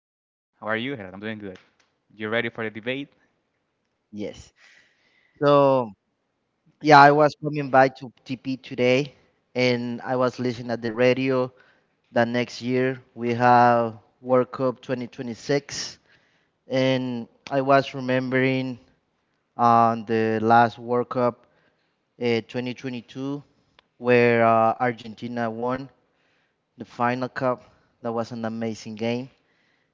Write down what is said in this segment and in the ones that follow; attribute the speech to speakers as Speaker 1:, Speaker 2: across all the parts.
Speaker 1: How are you, Gerard? I'm doing good. You ready for the debate?
Speaker 2: Yes. So, yeah, I was coming by to TP today and I was listening at the radio that next year we have World Cup 2026, and I was remembering on the last World Cup 2022 where Argentina won the final cup. That was an amazing game.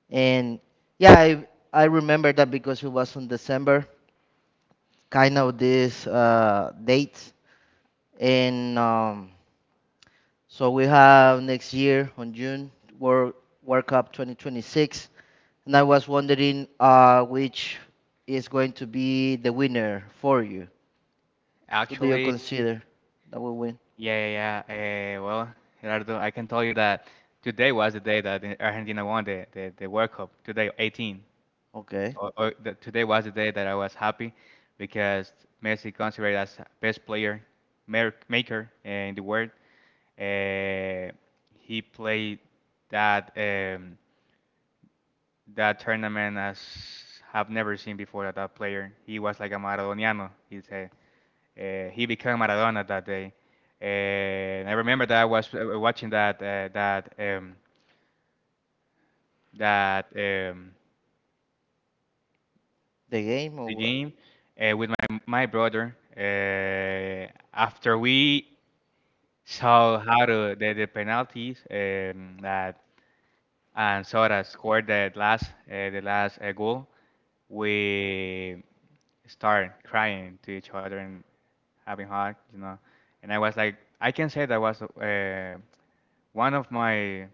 Speaker 2: And yeah, I remember that because it was in December kind of these dates. And so we have next year on June World World Cup 2026. And I was wondering which is going to be the winner for you. Who do you
Speaker 1: Actually,
Speaker 2: consider that will win?
Speaker 1: yeah, yeah, yeah. Well, Gerardo, I can tell you that today was the day that the Argentina won the World Cup. Today, 18.
Speaker 2: Okay,
Speaker 1: Or today was the day that I was happy because Messi considered as best player maker in the world. Uh, he played that um, that tournament as have never seen before that player. He was like a Maradoniano. He's a he became Maradona that day. And I remember that I was watching that that that
Speaker 2: the game or
Speaker 1: the
Speaker 2: what?
Speaker 1: game with my brother. After we saw how to, the penalties that and Sora scored the last goal, we start crying to each other and having hug, And I was like, I can say that was one of my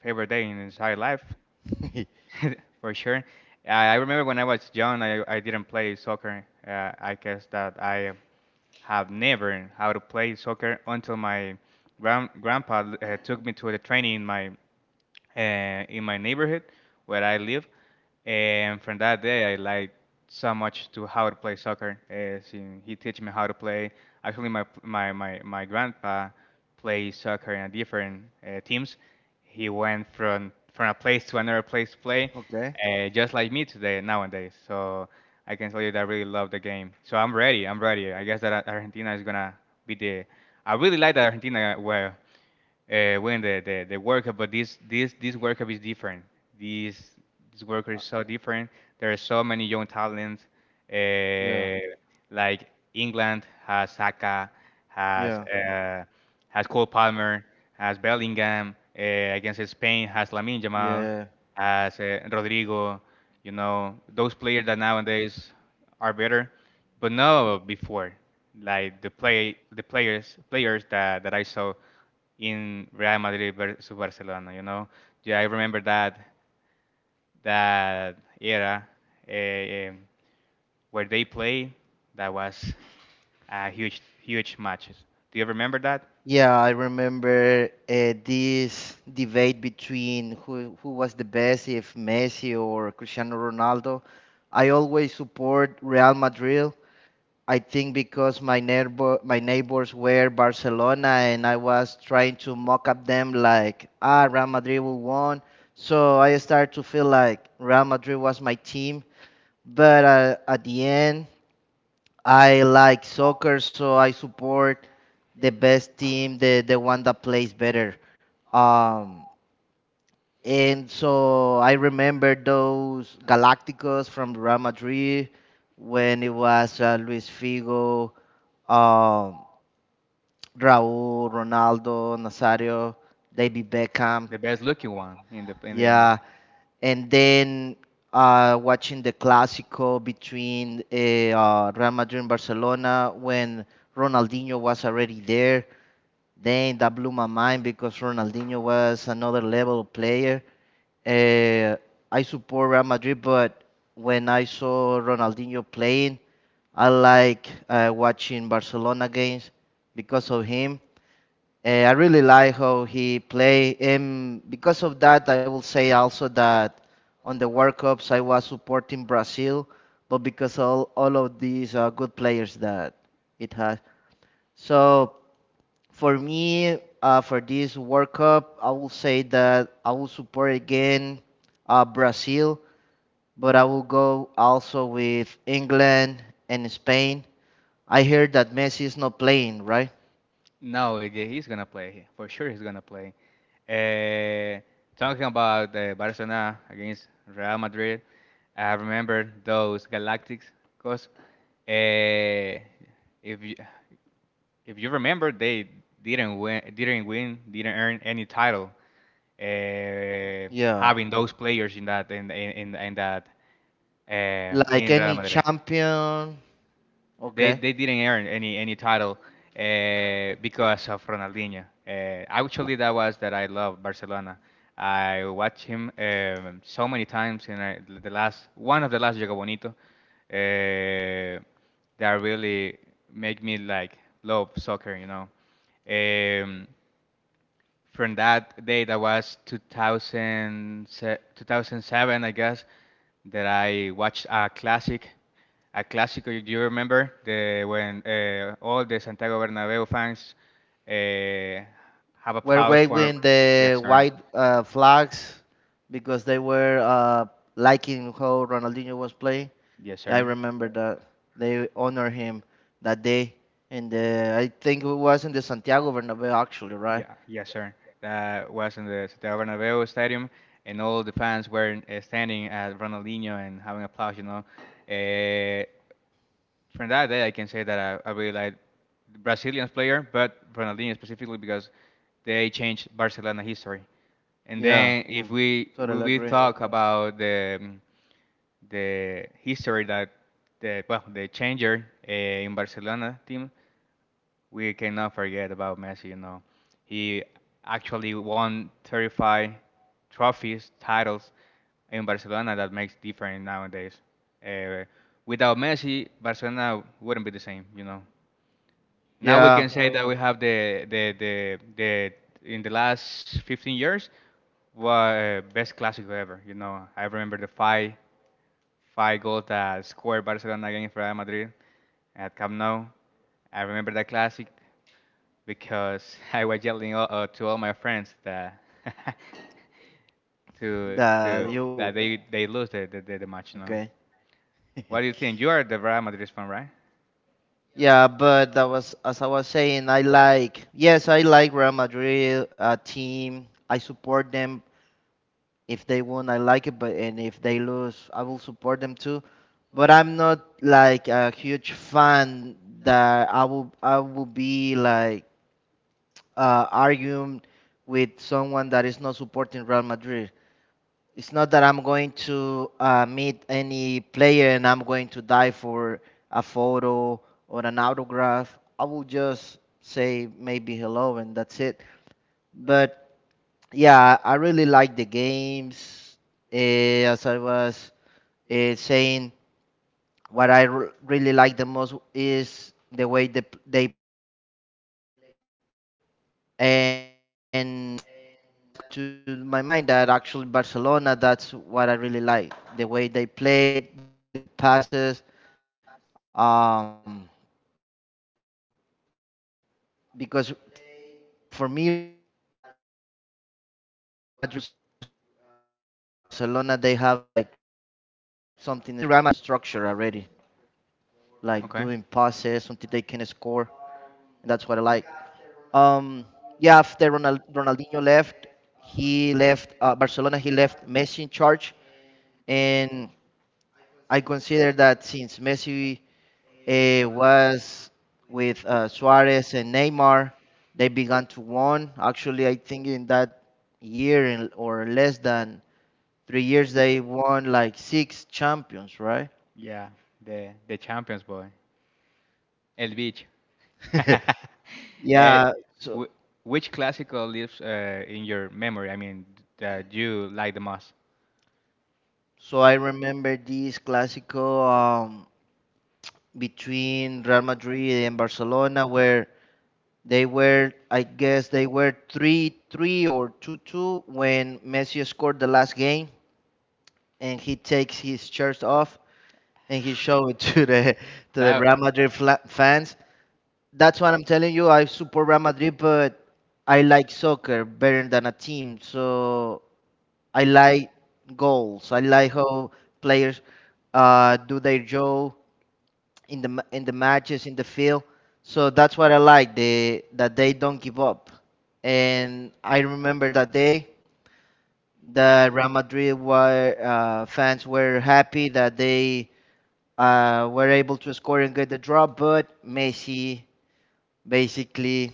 Speaker 1: favorite day in entire life, for sure. I remember when I was young, I didn't play soccer. I guess that I have never how to play soccer until my grandpa took me to the training in my neighborhood where I live, and from that day, I liked so much to how to play soccer. As in, he teach me how to play. Actually, my grandpa plays soccer in a different teams. He went from a place to another place to play,
Speaker 2: Okay.
Speaker 1: just like me today nowadays. So I can tell you that I really love the game. So I'm ready. I'm ready. I guess that Argentina is gonna be the. I really like that Argentina were when the, worker, but this worker is different. This, this
Speaker 2: Uh,
Speaker 1: worker is so different. There are so many young talents,
Speaker 2: Yeah,
Speaker 1: uh, like England has Saka, has
Speaker 2: yeah,
Speaker 1: uh, has Cole Palmer, has Bellingham. Against Spain has Lamine Yamal,
Speaker 2: yeah.
Speaker 1: has Rodrigo. You know those players that nowadays are better, but no before. Like the play the players that I saw in Real Madrid versus Barcelona. You know, yeah, I remember that era eh, um, where they played. That was a huge matches. Do you remember that?
Speaker 2: Yeah, I remember this debate between who was the best, if Messi or Cristiano Ronaldo. I always support Real Madrid. I think because my neighbors were Barcelona and I was trying to mock up them like, ah, Real Madrid will won. So I started to feel like Real Madrid was my team. But at the end, I like soccer, so I support the best team, the one that plays better. Um, and so I remember those Galacticos from Real Madrid when it was Luis Figo, um, Raúl, Ronaldo, Nazario, David Beckham.
Speaker 1: The best looking one in the.
Speaker 2: Yeah, and then watching the Clásico between Real Madrid and Barcelona when Ronaldinho was already there. Then that blew my mind because Ronaldinho was another level player. Uh, I support Real Madrid, but when I saw Ronaldinho playing, I like watching Barcelona games because of him. I really like how he play, and because of that, I will say also that on the World Cups I was supporting Brazil, but because all of these good players that it has. So for me, for this World Cup, I will say that I will support again Brazil, but I will go also with England and Spain. I hear that Messi is not playing, right?
Speaker 1: No, he's gonna play for sure. He's gonna play. Eh, talking about Barcelona against Real Madrid, I remember those Galactics, cause uh, if you, if you remember, they didn't win, didn't win, didn't earn any title. Uh,
Speaker 2: Yeah.
Speaker 1: having those players in that in that
Speaker 2: Like
Speaker 1: in Real
Speaker 2: any
Speaker 1: Madrid.
Speaker 2: champion.
Speaker 1: They
Speaker 2: Okay.
Speaker 1: they didn't earn any title because of Ronaldinho. Actually, that was that I love Barcelona. I watched him so many times in the last one of the last Jogo Bonito that really make me like love soccer. Um, from that day that was 2000, 2007, I guess that I watched a classic a clásico. Do you remember the when all the Santiago Bernabeu fans uh, have
Speaker 2: We're
Speaker 1: applause for?
Speaker 2: waving the
Speaker 1: Yes, sir.
Speaker 2: white flags because they were liking how Ronaldinho was playing.
Speaker 1: Yes,
Speaker 2: I
Speaker 1: sir.
Speaker 2: remember that they honor him that day, and I think it was in the Santiago Bernabeu actually, right?
Speaker 1: Yeah, yes, sir. That was in the Santiago Bernabeu Stadium, and all the fans were standing at Ronaldinho and having applause. Uh, from that day, I can say that I really like the Brazilians player, but Ronaldinho specifically because they changed Barcelona history. And
Speaker 2: Yeah,
Speaker 1: then if Mm. we
Speaker 2: totally
Speaker 1: will
Speaker 2: agree.
Speaker 1: talk about the history that the well the changer in Barcelona team, we cannot forget about Messi. You know, he actually won 35 trophies, titles in Barcelona that makes different nowadays. Uh, without Messi, Barcelona wouldn't be the same. You know. Now we
Speaker 2: Yeah,
Speaker 1: can say that we have the in the last 15 years well, best classic ever. You know, I remember the five five goals that scored Barcelona against Real Madrid at Camp Nou. I remember that classic because I was yelling all, to all my friends that to
Speaker 2: that
Speaker 1: to
Speaker 2: you
Speaker 1: that they lose the, match. You know,
Speaker 2: okay?
Speaker 1: what do you think? You are the Real Madrid fan, right?
Speaker 2: Yeah, but that was as I was saying. I like, yes, I like Real Madrid team. I support them if they win. I like it, but and if they lose, I will support them too. But I'm not like a huge fan that I will be like arguing with someone that is not supporting Real Madrid. It's not that I'm going to meet any player and I'm going to die for a photo or an autograph. I will just say maybe hello and that's it. But yeah, I really like the games. Eh, as I was saying, what I really like the most is the way they, they play, and that comes to my mind that actually Barcelona, that's what I really like, the way they play the passes, um, because for me Real Madrid they play like they pass the ball to see what they can do, but Barcelona they have like something structured already, like doing passes until they can score,
Speaker 1: Okay.
Speaker 2: and that's what I like. Um, yeah, after Ronaldinho left, he left Barcelona. He left Messi in charge, and I consider that since Messi was with Suarez and Neymar, they began to won. Actually, I think in that year or less than three years, they won like six champions, right?
Speaker 1: Yeah, the champions boy, El Beach. Eh,
Speaker 2: Yeah, so
Speaker 1: wh- which classical lives in your memory? I mean, that you like the most?
Speaker 2: so I remember this classical. Between Real Madrid and Barcelona where they were, I guess they were 3-3 or 2-2 when Messi scored the last game and he takes his shirt off and he showed it to the
Speaker 1: That
Speaker 2: Real Madrid fans. That's what I'm telling you. I support Real Madrid, but I like soccer better than a team. So I like goals. I like how players do their job in the matches in the field. So that's what I like, they that they don't give up. And I remember that day that Real Madrid were fans were happy that they were able to score and get the draw, but Messi basically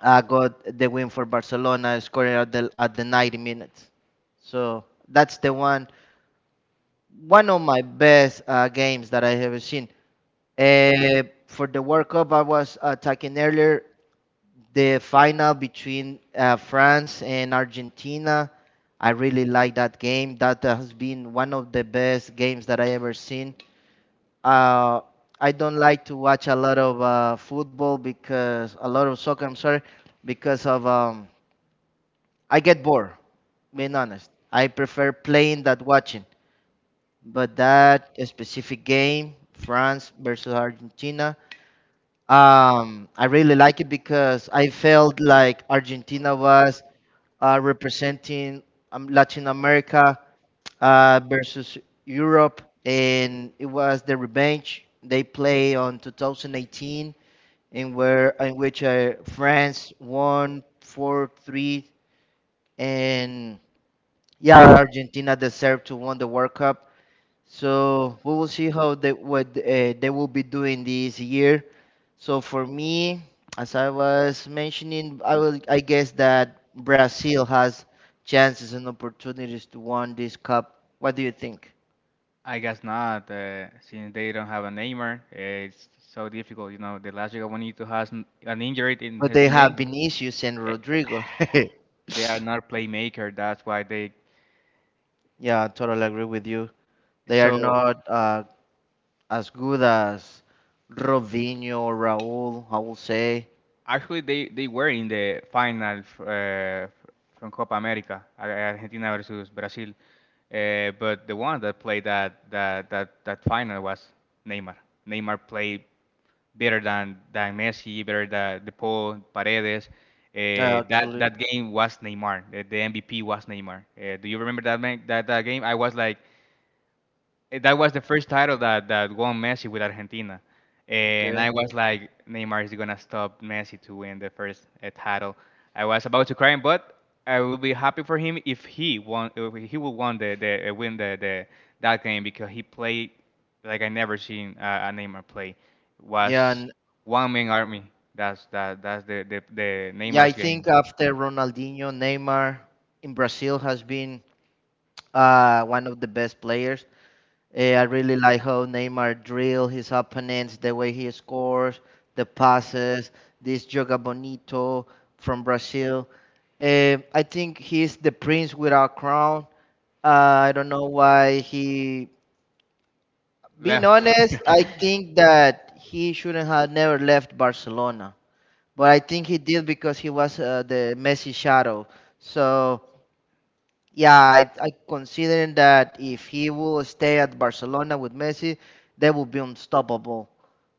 Speaker 2: got the win for Barcelona, scoring at the 90 minutes. So that's the one of my best games that I have seen. For the World Cup, I was talking earlier, the final between France and Argentina. I really like that game. That has been one of the best games that I ever seen. Uh, I don't like to watch a lot of football, because a lot of soccer. I'm sorry, because of I get bored. Being honest, I prefer playing than watching. But that specific game, France versus Argentina, I really like it because I felt like Argentina was representing Latin America versus Europe, and it was the revenge they play on 2018, in where in which France won 4-3, and yeah, Argentina deserved to win the World Cup. So we will see how they what they will be doing this year. So for me, as I was mentioning, I guess that Brazil has chances and opportunities to win this cup. What do you think?
Speaker 1: I guess not. Since they don't have a Neymar, it's so difficult. You know, the last year when Benito has an injury in
Speaker 2: But they
Speaker 1: his knee,
Speaker 2: have Vinicius and
Speaker 1: eh,
Speaker 2: Rodrigo.
Speaker 1: they are not playmaker. That's why they.
Speaker 2: Yeah, I totally agree with you. They are
Speaker 1: So
Speaker 2: not as good as Robinho or Raul, I will say.
Speaker 1: actually, they were in the final from Copa America, Argentina versus Brazil. But the one that played that final was Neymar. Neymar played better than Messi, better than De Paul, Paredes.
Speaker 2: Yeah,
Speaker 1: Yeah. that
Speaker 2: actually.
Speaker 1: that game was Neymar. The MVP was Neymar. Do you remember that man, that game? I was like, Eh, That was the first title that won Messi with Argentina. And
Speaker 2: Okay.
Speaker 1: I was like, Neymar is going to stop Messi to win the first title. I was about to cry, but I will be happy for him if he won, if he will won the win the that game because he played like I never seen a Neymar play.
Speaker 2: Yeah,
Speaker 1: Was
Speaker 2: and
Speaker 1: one man army. That's that's the
Speaker 2: yeah, I
Speaker 1: Neymar's game.
Speaker 2: think after Ronaldinho, Neymar in Brazil has been one of the best players. Eh, I really like how Neymar drill his opponents, the way he scores, the passes, this Joga Bonito from Brazil. Eh, I think he's the prince without crown. Uh, I don't know why he. Being
Speaker 1: Left.
Speaker 2: honest, I think that he shouldn't have never left Barcelona, but I think he did because he was the Messi shadow. So yeah, I considering that if he will stay at Barcelona with Messi, they will be unstoppable.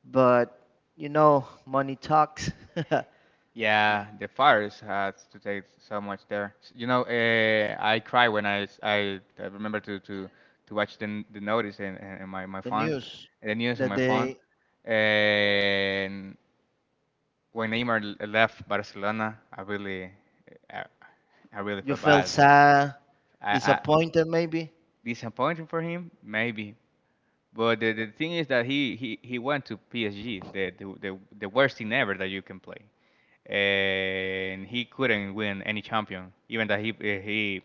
Speaker 2: But you know, money talks. The
Speaker 1: Yeah, the fires has to take so much there. You know, I cry when I remember to watch the notice in my, my phone,
Speaker 2: news
Speaker 1: the news on
Speaker 2: that
Speaker 1: my phone.
Speaker 2: they
Speaker 1: And when Neymar left Barcelona, I really, I, I really
Speaker 2: you
Speaker 1: felt
Speaker 2: felt
Speaker 1: bad.
Speaker 2: sad,
Speaker 1: I
Speaker 2: disappointed maybe.
Speaker 1: disappointing for him, maybe. But the, thing is that he went to PSG, the worst team ever that you can play. And he couldn't win any champion, even that he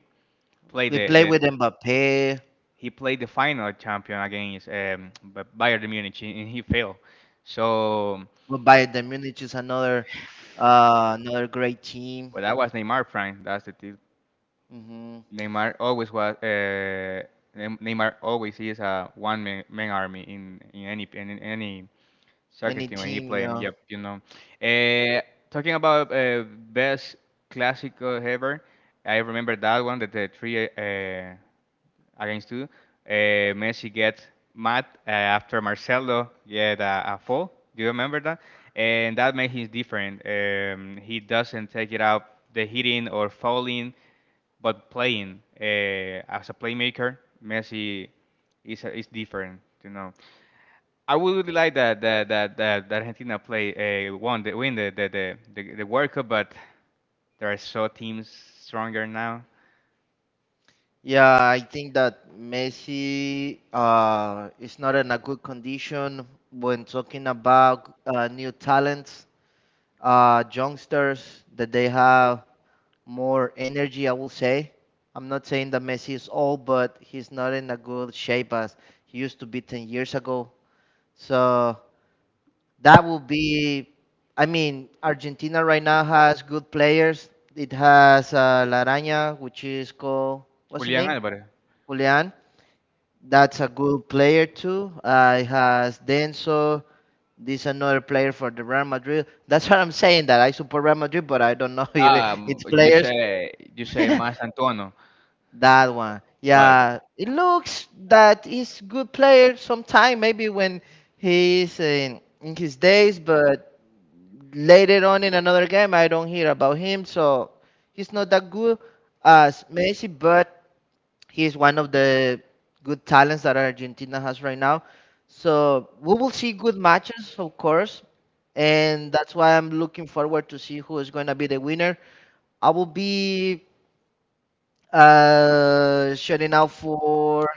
Speaker 1: played
Speaker 2: We
Speaker 1: the,
Speaker 2: play with
Speaker 1: the
Speaker 2: Mbappe.
Speaker 1: he played the final champion against Bayern Munich and he failed. So,
Speaker 2: But Bayern Munich is another another great team.
Speaker 1: but that was Neymar prime. That's the thing.
Speaker 2: Hmm.
Speaker 1: Neymar always was. Neymar always is a one man army in any in any soccer
Speaker 2: Any
Speaker 1: team when he
Speaker 2: team,
Speaker 1: play.
Speaker 2: yeah.
Speaker 1: Yep, you know. Uh, talking about best classical ever, I remember that one that the three against two. Messi gets mad after Marcelo get a foul. Do you remember that? And that made him different. He doesn't take it out the hitting or fouling, but playing as a playmaker. Messi is different. You know, I would really like that Argentina play won the win the the World Cup, but there are so teams stronger now.
Speaker 2: Yeah, I think that Messi is not in a good condition when talking about new talents, youngsters that they have more energy. I will say, I'm not saying that Messi is old, but he's not in a good shape as he used to be 10 years ago. So that would be, I mean, Argentina right now has good players. It has Laraña, which is called, what's the
Speaker 1: Julian
Speaker 2: name?
Speaker 1: Alvarez.
Speaker 2: Julian. That's a good player too. It has Denso. This another player for the Real Madrid. That's what I'm saying. That I support Real Madrid, but I don't know if it-
Speaker 1: Um,
Speaker 2: it's
Speaker 1: you
Speaker 2: players.
Speaker 1: say you say Mas Antonio,
Speaker 2: That one.
Speaker 1: but
Speaker 2: Yeah, it looks that he's good player sometime. Maybe when he's in his days, but later on in another game, I don't hear about him. So he's not that good as Messi, but he is one of the good talents that Argentina has right now. So we will see good matches, of course, and that's why I'm looking forward to see who is going to be the winner. I will be shutting out for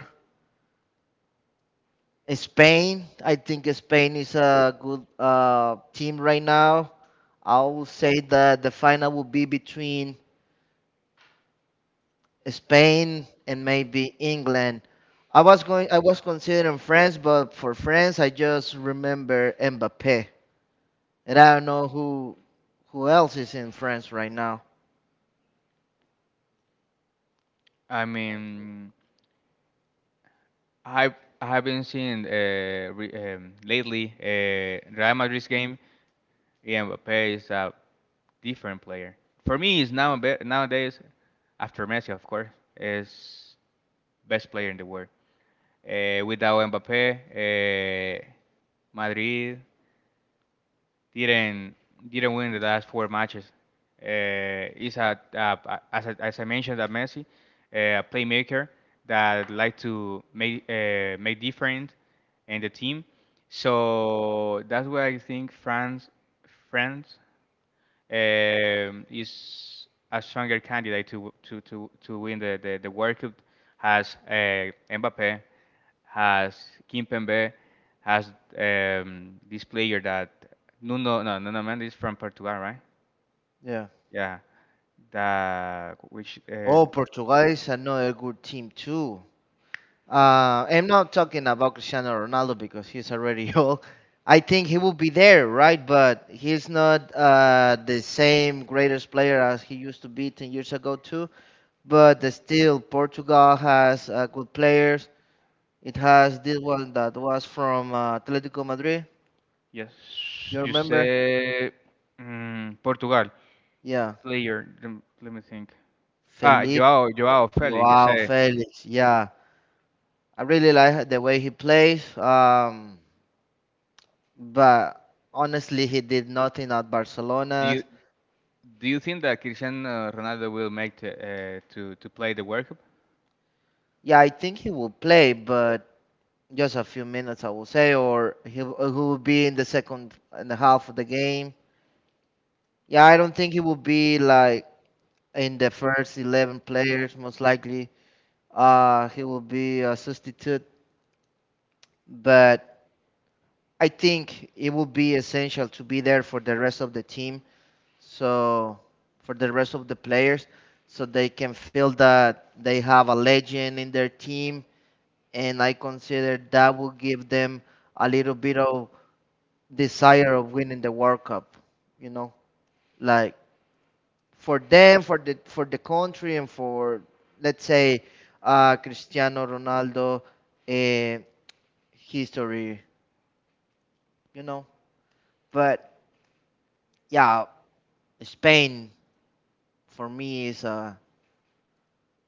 Speaker 2: Spain. I think Spain is a good team right now. I will say that the final will be between Spain and maybe England. I was considering France, but for France I just remember Mbappe. And I don't know who else is in France right now.
Speaker 1: I mean I've I have not seen lately Real Madrid's game. Yeah, Mbappe is a different player. For me, is now nowadays after Messi, of course, is best player in the world. Without Mbappe, Madrid didn't didn't win the last four matches. He's a, as I mentioned that Messi, a playmaker that like to make make different in the team. So that's why I think France is a stronger candidate to to win the World Cup as Mbappe has Kimpembe, has this player that Nuno, no, Nuno Mendes from Portugal, right?
Speaker 2: Yeah.
Speaker 1: Yeah. the which
Speaker 2: Oh, Portugal is another good team too. I'm not talking about Cristiano Ronaldo because he's already old. I think he will be there, right? But he's not the same greatest player as he used to be 10 years ago too. But still, Portugal has good players. It has this one that was from Atletico Madrid.
Speaker 1: yes,
Speaker 2: You
Speaker 1: you
Speaker 2: remember?
Speaker 1: say mm, Portugal
Speaker 2: Yeah.
Speaker 1: player. Let me think. Ah,
Speaker 2: Felipe
Speaker 1: Joao Felix. You
Speaker 2: Joao
Speaker 1: say.
Speaker 2: Felix. Yeah. I really like the way he plays. But honestly, he did nothing at
Speaker 1: Do
Speaker 2: Barcelona.
Speaker 1: you do you think that Cristiano Ronaldo will make to to play the World Cup?
Speaker 2: Yeah, I think he will play, but just a few minutes, I will say, or he, he will be in the second and a half of the game. Yeah, I don't think he will be like in the first 11 players, most likely. He will be a substitute, but I think it will be essential to be there for the rest of the team. So for the rest of the players, so they can feel that they have a legend in their team, and I consider that will give them a little bit of desire of winning the World Cup. You know, like for them, for the country, and for let's say Cristiano Ronaldo, uh, history. You know, but yeah, Spain, for me, is a,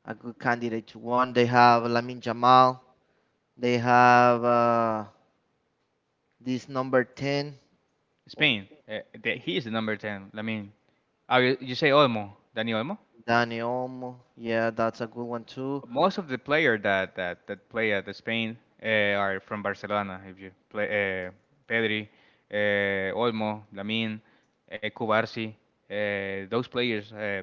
Speaker 2: a good candidate to one. They have Lamine Yamal. They have this number 10,
Speaker 1: Spain. He is the number ten. I mean, Oh, you say Olmo, Dani Olmo?
Speaker 2: Dani Olmo. Yeah, that's a good one too.
Speaker 1: Most of the player that that play at Spain uh, are from Barcelona. If you play Pedri, Olmo, Lamin, Cubarsi, those players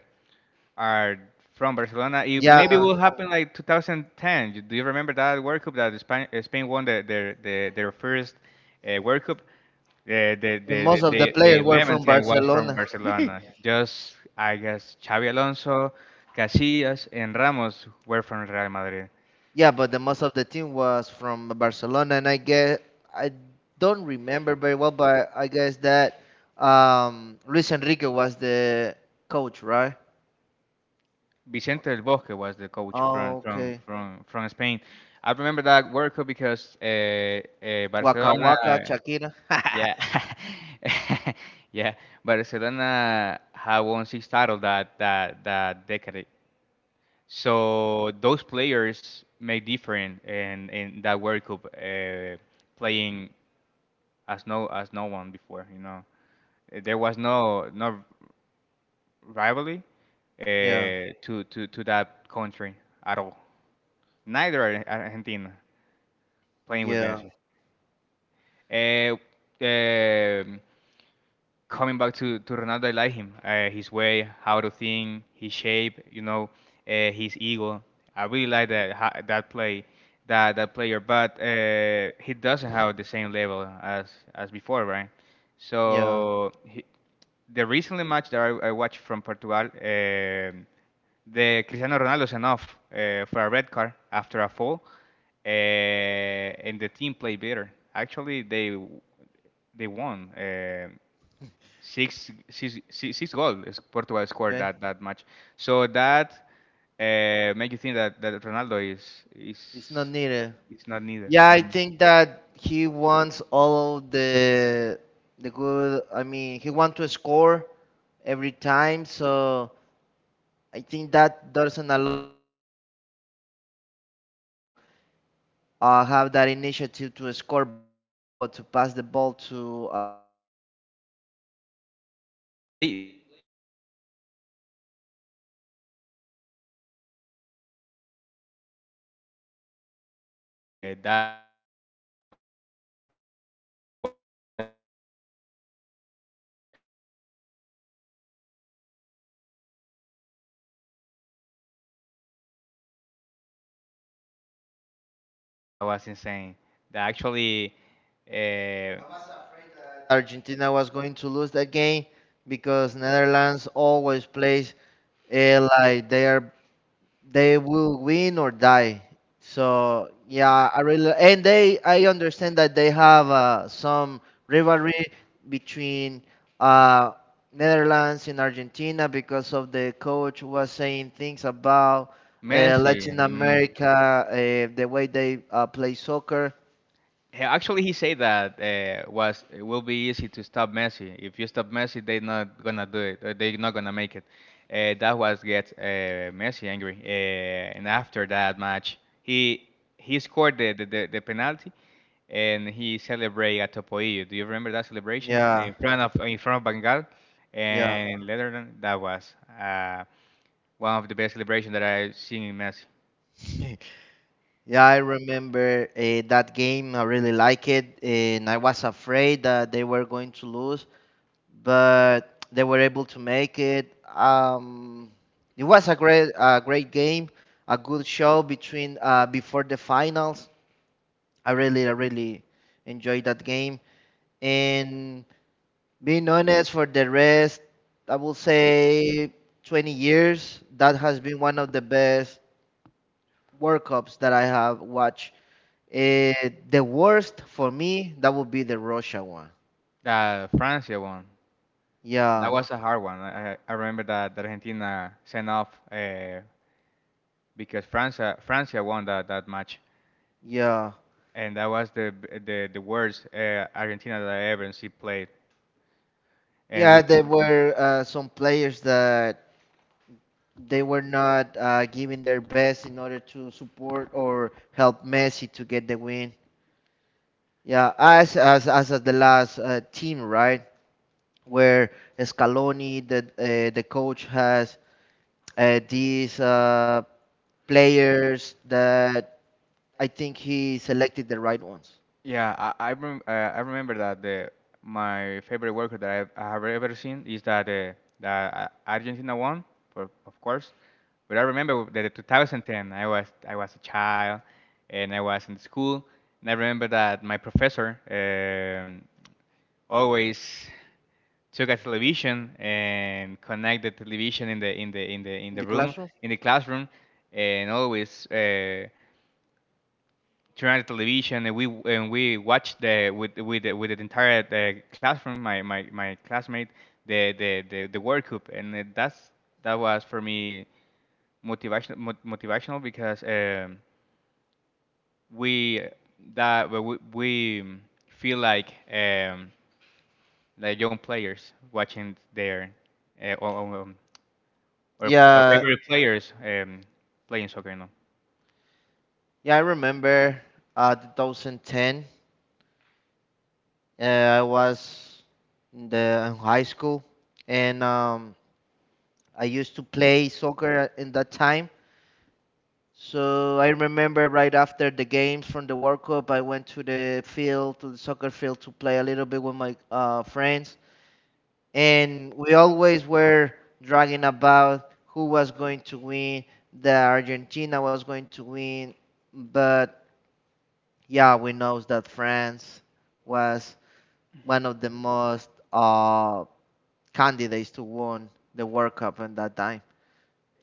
Speaker 1: are from Barcelona. It
Speaker 2: Yeah,
Speaker 1: maybe will happen like 2010. Do you remember that World Cup that Spain won their first World Cup? The the
Speaker 2: and
Speaker 1: the the
Speaker 2: most of the
Speaker 1: the, the
Speaker 2: players were
Speaker 1: 11th
Speaker 2: from
Speaker 1: team was from
Speaker 2: Barcelona.
Speaker 1: Barcelona. Just I guess Xavi Alonso, Casillas, and Ramos were from Real Madrid.
Speaker 2: Yeah, but the most of the team was from Barcelona, and I guess I don't remember very well, but I guess that Luis Enrique was the coach, right?
Speaker 1: Vicente del Bosque was the coach from
Speaker 2: Oh,
Speaker 1: from
Speaker 2: okay.
Speaker 1: from from Spain. I remember that World Cup because
Speaker 2: Waka
Speaker 1: Barcelona,
Speaker 2: Waka Shakira.
Speaker 1: yeah, yeah, Barcelona had won six titles that decade So those players made different in that World Cup, playing as no one before. You know, There was no rivalry
Speaker 2: Yeah,
Speaker 1: to to that country at all. Neither Argentina playing with
Speaker 2: yeah,
Speaker 1: Messi. Uh, um, coming back to Ronaldo, I like him. His way, how to think, his shape, you know, his ego. I really like that play, that player. But he doesn't have the same level as before, right?
Speaker 2: yeah.
Speaker 1: So the recently match that I watched from Portugal, the Cristiano Ronaldo is enough for a red card after a fall, and the team played better. Actually, they won. Six goals is Portugal scored
Speaker 2: Okay,
Speaker 1: that match. So that make you think that Ronaldo
Speaker 2: it's not
Speaker 1: is
Speaker 2: needed.
Speaker 1: it's not neither.
Speaker 2: Yeah, I
Speaker 1: Mm.
Speaker 2: think that he wants all of the good. I mean, he wants to score every time. So I think that doesn't allow the most the rest of the players to have that initiative to score by themselves, but to pass the ball to Ronaldo.
Speaker 1: They play for it's like you say Messi. They the team play for Messi, and when
Speaker 2: Yeah,
Speaker 1: the when a team play for you, uh, that makes you looks better. That's why Argentina won the World Cup 2020 22 because that game. Do you remember the Argentina against Holanda,
Speaker 2: yeah,
Speaker 1: Netherlands? That match
Speaker 2: that was insane.
Speaker 1: that
Speaker 2: Yeah.
Speaker 1: was insane. That actually uh,
Speaker 2: I was afraid that Argentina was going to lose that game because Netherlands always plays like they will win or die. So yeah, I really and they I understand that they have some rivalry between uh, Netherlands and Argentina because of the coach was saying things about
Speaker 1: Messi.
Speaker 2: Latin
Speaker 1: Mm.
Speaker 2: America, the way they play soccer.
Speaker 1: Actually, he said that was it will be easy to stop Messi. If you stop Messi, they're not gonna do it. Or they're not gonna make it. That was get Messi angry. And after that match, he scored the penalty, and he celebrated at Topoillo. Do you remember that celebration
Speaker 2: Yeah,
Speaker 1: in front of Bengal
Speaker 2: yeah.
Speaker 1: and Leatherland? That was uh, one of the best celebrations that I've seen in Messi.
Speaker 2: Yeah, I remember that game. I really like it, and I was afraid that they were going to lose, but they were able to make it. It was a great game, a good show between before the finals. I really enjoyed that game. And being honest, for the rest, I will say 20 years. That has been one of the best World Cups that I have watched. Uh, the worst for me, that would be the Russia one.
Speaker 1: The Francia one, that
Speaker 2: Yeah,
Speaker 1: was a hard one. I remember that Argentina sent off because Francia won that match,
Speaker 2: yeah,
Speaker 1: and that was the worst Argentina that I ever see played. And we
Speaker 2: yeah. There were some players that they were not giving their best in order to support or help Messi to get the win. Yeah, as as at the last team, right? Where Scaloni, the coach, has these players that I think he selected the right ones
Speaker 1: yeah, I remember that the my favorite worker that I have ever seen is that Argentina won, for, of course. But I remember that in 2010 I was a child and I was in school, and I remember that my professor always took a television and connect the television in
Speaker 2: in
Speaker 1: the
Speaker 2: the
Speaker 1: room
Speaker 2: classroom.
Speaker 1: in the classroom and always turned on the television and we watched the with the entire the classroom, my classmate, the World Cup, and that was for me motivational because we we feel like young players watching their uh, or, or, um, or
Speaker 2: Yeah,
Speaker 1: favorite players playing soccer. You know
Speaker 2: yeah, I remember 2010. I was in the in high school, and I used to play soccer in that time. So I remember right after the games from the World Cup, I went to the field, to the soccer field, to play a little bit with my friends, and we always were dragging about who was going to win. The Argentina was going to win, but yeah, we knows that France was one of the most candidates to win the World Cup in that time.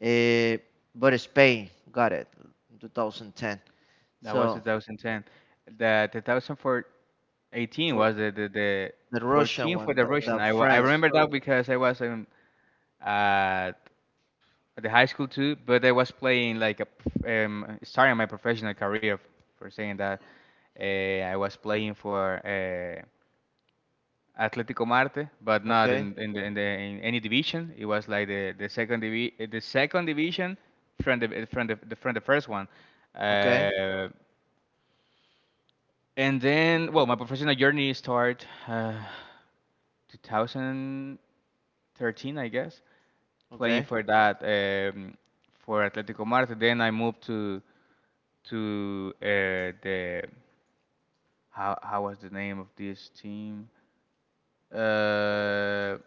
Speaker 2: Eh, but Spain got it in 2010.
Speaker 1: that was
Speaker 2: So
Speaker 1: 2010. The 2004 18
Speaker 2: for
Speaker 1: was the
Speaker 2: the Russian
Speaker 1: 14 for
Speaker 2: one,
Speaker 1: the
Speaker 2: the,
Speaker 1: Russian.
Speaker 2: the
Speaker 1: I
Speaker 2: France.
Speaker 1: remember that because I was in at the high school too, but I was playing like starting my professional career for saying that. I was playing for Atlético Marte, but not
Speaker 2: Okay,
Speaker 1: in any division. It was like the the second division from the from the first one.
Speaker 2: okay,
Speaker 1: Uh, and then, well, my professional journey started uh, 2000. 13, I guess, playing
Speaker 2: okay.
Speaker 1: for that for Atletico Marte. Then I moved to the how was the name of this team? Uh,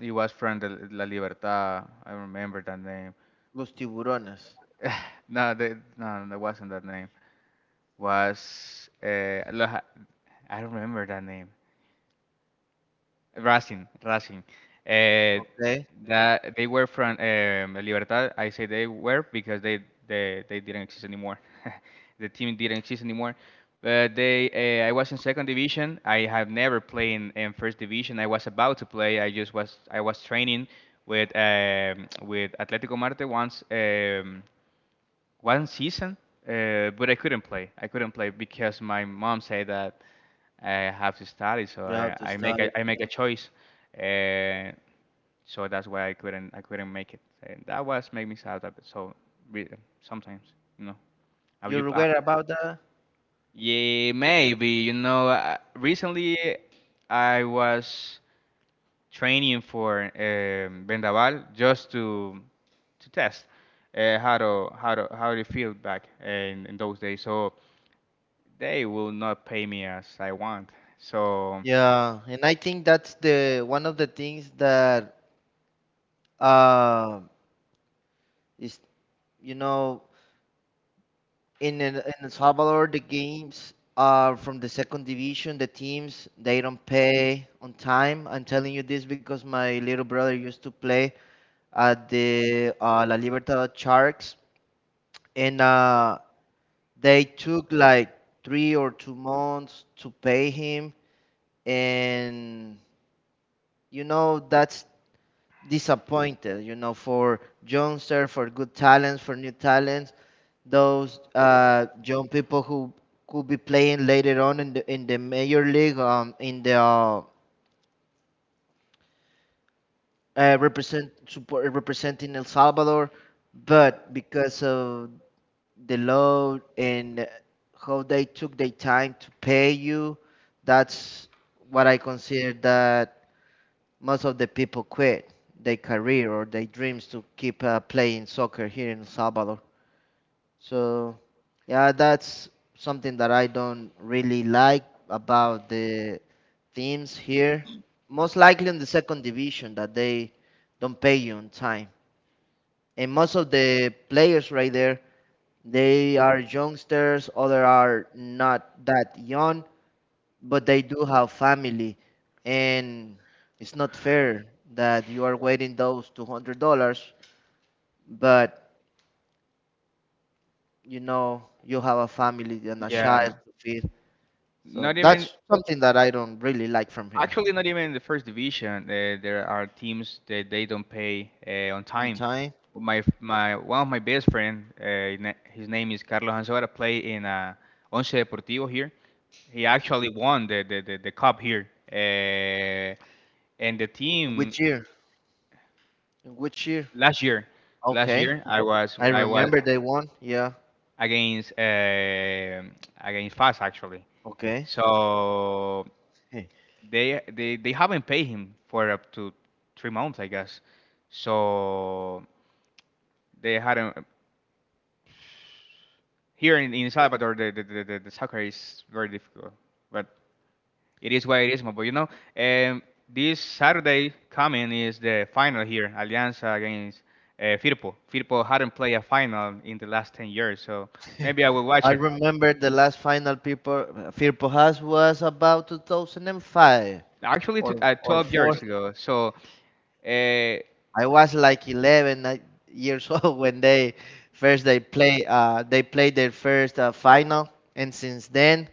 Speaker 1: it was from the La Libertad. I remember that name.
Speaker 2: Los Tiburones.
Speaker 1: No, no, that wasn't that name. Was Loja- I don't remember that name. Racing, Racing. Uh,
Speaker 2: Okay,
Speaker 1: that they were from Libertad. I say they were because they didn't exist anymore. The team didn't exist anymore. But they, I was in second division. I have never played in first division. I was about to play. I was training with Atletico Marte once one season, but I couldn't play. I couldn't play because my mom said that I have to study, so
Speaker 2: you have to
Speaker 1: I make
Speaker 2: study.
Speaker 1: I make a choice, uh, so that's why I couldn't make it. And that was make me sad a bit. So re- sometimes, you know, have you?
Speaker 2: You're aware about that?
Speaker 1: Yeah, maybe you know. Recently, I was training for Vendaval just to test how to feel back in those days. So they will not pay me as I want. So.
Speaker 2: Yeah, and I think that's the one of the things that uh, is you know in El Salvador, the games are from the second division. The teams they don't pay on time. I'm telling you this because my little brother used to play at the La Libertad Sharks, and they took like 3 or 2 months to pay him. And you know that's disappointed, you know, for youngsters, for good talents, for new talents, those young people who could be playing later on in the major league, in the represent support representing El Salvador, but because of the load and how they took their time to pay you, that's what I consider that most of the people quit their career or their dreams to keep playing soccer here in El Salvador. So, yeah, that's something that I don't really like about the teams here. Most likely in the second division that they don't pay you on time. And most of the players right there, they are youngsters, other are not that young, but they do have family, and it's not fair that you are waiting those $200, but you know you have a family and a child
Speaker 1: Yeah,
Speaker 2: to feed. So
Speaker 1: not
Speaker 2: that's
Speaker 1: even
Speaker 2: something that I don't really like from here
Speaker 1: actually not even in the first division. There are teams that they don't pay on
Speaker 2: on
Speaker 1: time.
Speaker 2: time.
Speaker 1: My one of my best friend, his name is Carlos Anzora, play in Once Deportivo here. He actually won the cup here. And the team
Speaker 2: Which year? Which year?
Speaker 1: last year, last
Speaker 2: Okay,
Speaker 1: year
Speaker 2: I
Speaker 1: I was
Speaker 2: remember they won. Yeah,
Speaker 1: against against FAS actually.
Speaker 2: okay.
Speaker 1: So
Speaker 2: Hey,
Speaker 1: they haven't paid him for up to 3 months, I guess. So they hadn't. Here in Salvador, the soccer is very difficult, but it is what it is. But you know, um, this Saturday coming is the final here, Alianza against Firpo. Firpo hadn't played a final in the last 10 years, so maybe I will
Speaker 2: I
Speaker 1: watch it.
Speaker 2: remember the last final people Firpo has was about 2005
Speaker 1: Actually,
Speaker 2: or or
Speaker 1: twelve
Speaker 2: 4.
Speaker 1: years ago. So uh,
Speaker 2: I was like 11 years old when they first they play they played their first final, and since then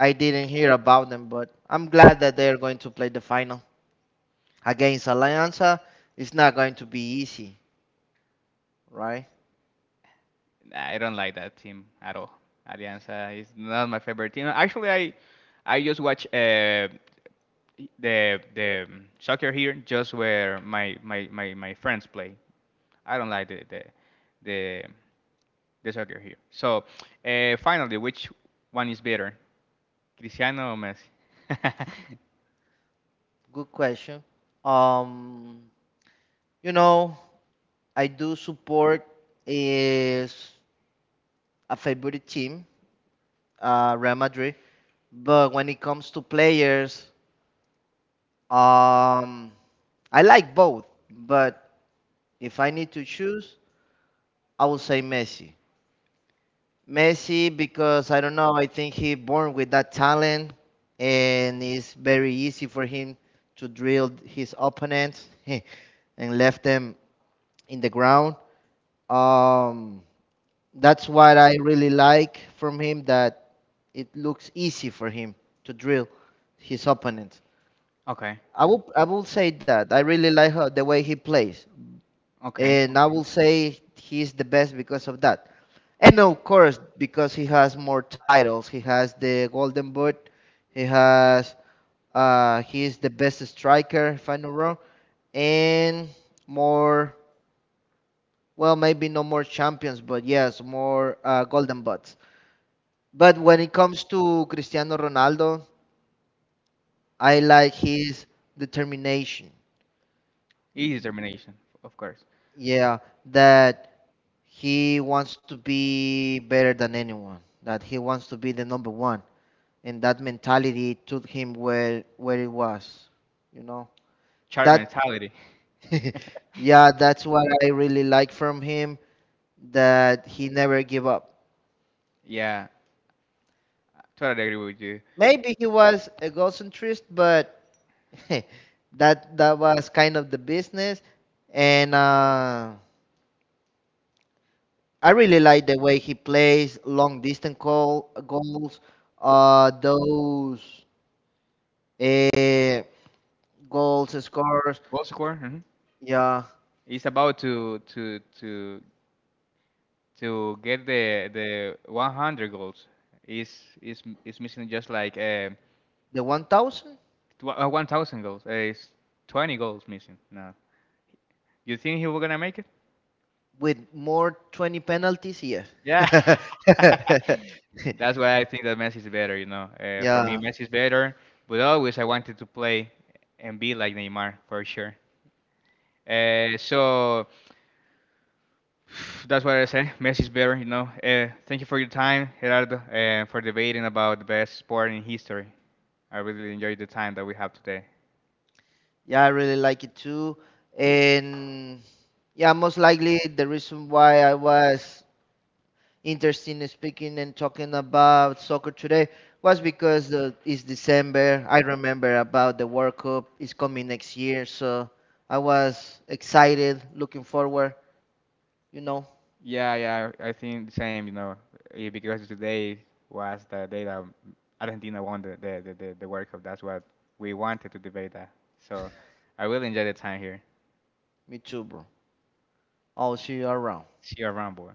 Speaker 2: I didn't hear about them. But I'm glad that they are going to play the final against Alianza. It's not going to be easy, right?
Speaker 1: nah, I don't like that team at all. Alianza is not my favorite team. Actually, I just watch the soccer here just where my friends play. I don't like the, the soccer here. So finally, which one is better, Cristiano or Messi?
Speaker 2: Good question. Um, you know, I do support is a favorite team, Real Madrid. But when it comes to players, Um, I like both, but if I need to choose, I will say Messi. Messi because I don't know, I think he born with that talent, and it's very easy for him to drill his opponents and left them in the ground. Um, that's what I really like from him, that it looks easy for him to drill his opponent.
Speaker 1: Okay,
Speaker 2: I will say that I really like how, the way he plays,
Speaker 1: okay,
Speaker 2: and I will say he's the best because of that. And of course, because he has more titles, he has the Golden Boot, he has he's the best striker if I'm not wrong, and more well maybe no more champions, but yes more Golden Butts. But when it comes to Cristiano Ronaldo, I like his determination.
Speaker 1: easy determination, of course.
Speaker 2: Yeah, that he wants to be better than anyone, that he wants to be the number one. And that mentality took him where it was, you know.
Speaker 1: Sharp
Speaker 2: That
Speaker 1: mentality.
Speaker 2: yeah, that's what I really like from him, that he never give up.
Speaker 1: Yeah, totally agree with you.
Speaker 2: Maybe he was egocentric, but that was kind of the business. And I really like the way he plays long distance call goals. Those Uh, goals, scores,
Speaker 1: Goal score. Hmm.
Speaker 2: yeah,
Speaker 1: It's about to get the 100 goals is missing, just like
Speaker 2: the 1000
Speaker 1: 1000 goals is 20 goals missing. No? You think he was gonna make it?
Speaker 2: with more 20 penalties, yes.
Speaker 1: Yeah. That's why I think that Messi is better, you know, for yeah, me
Speaker 2: Yeah,
Speaker 1: Messi is better, but always I wanted to play and be like Neymar for sure, so that's what I said. Messi is better, you know. Thank you for your time, Gerardo, for debating about the best sport in history. I really enjoyed the time that we have today.
Speaker 2: yeah, I really like it too. And yeah, most likely the reason why I was interested in speaking and talking about soccer today was because it's December. I remember about the World Cup is coming next year, so I was excited, looking forward, you know.
Speaker 1: Yeah, yeah, I think the same, you know, eh, because today was the day that Argentina won the World Cup. That's what we wanted to debate that. So I really enjoy the time here.
Speaker 2: Me too, bro. I'll see you around.
Speaker 1: See you around, boy.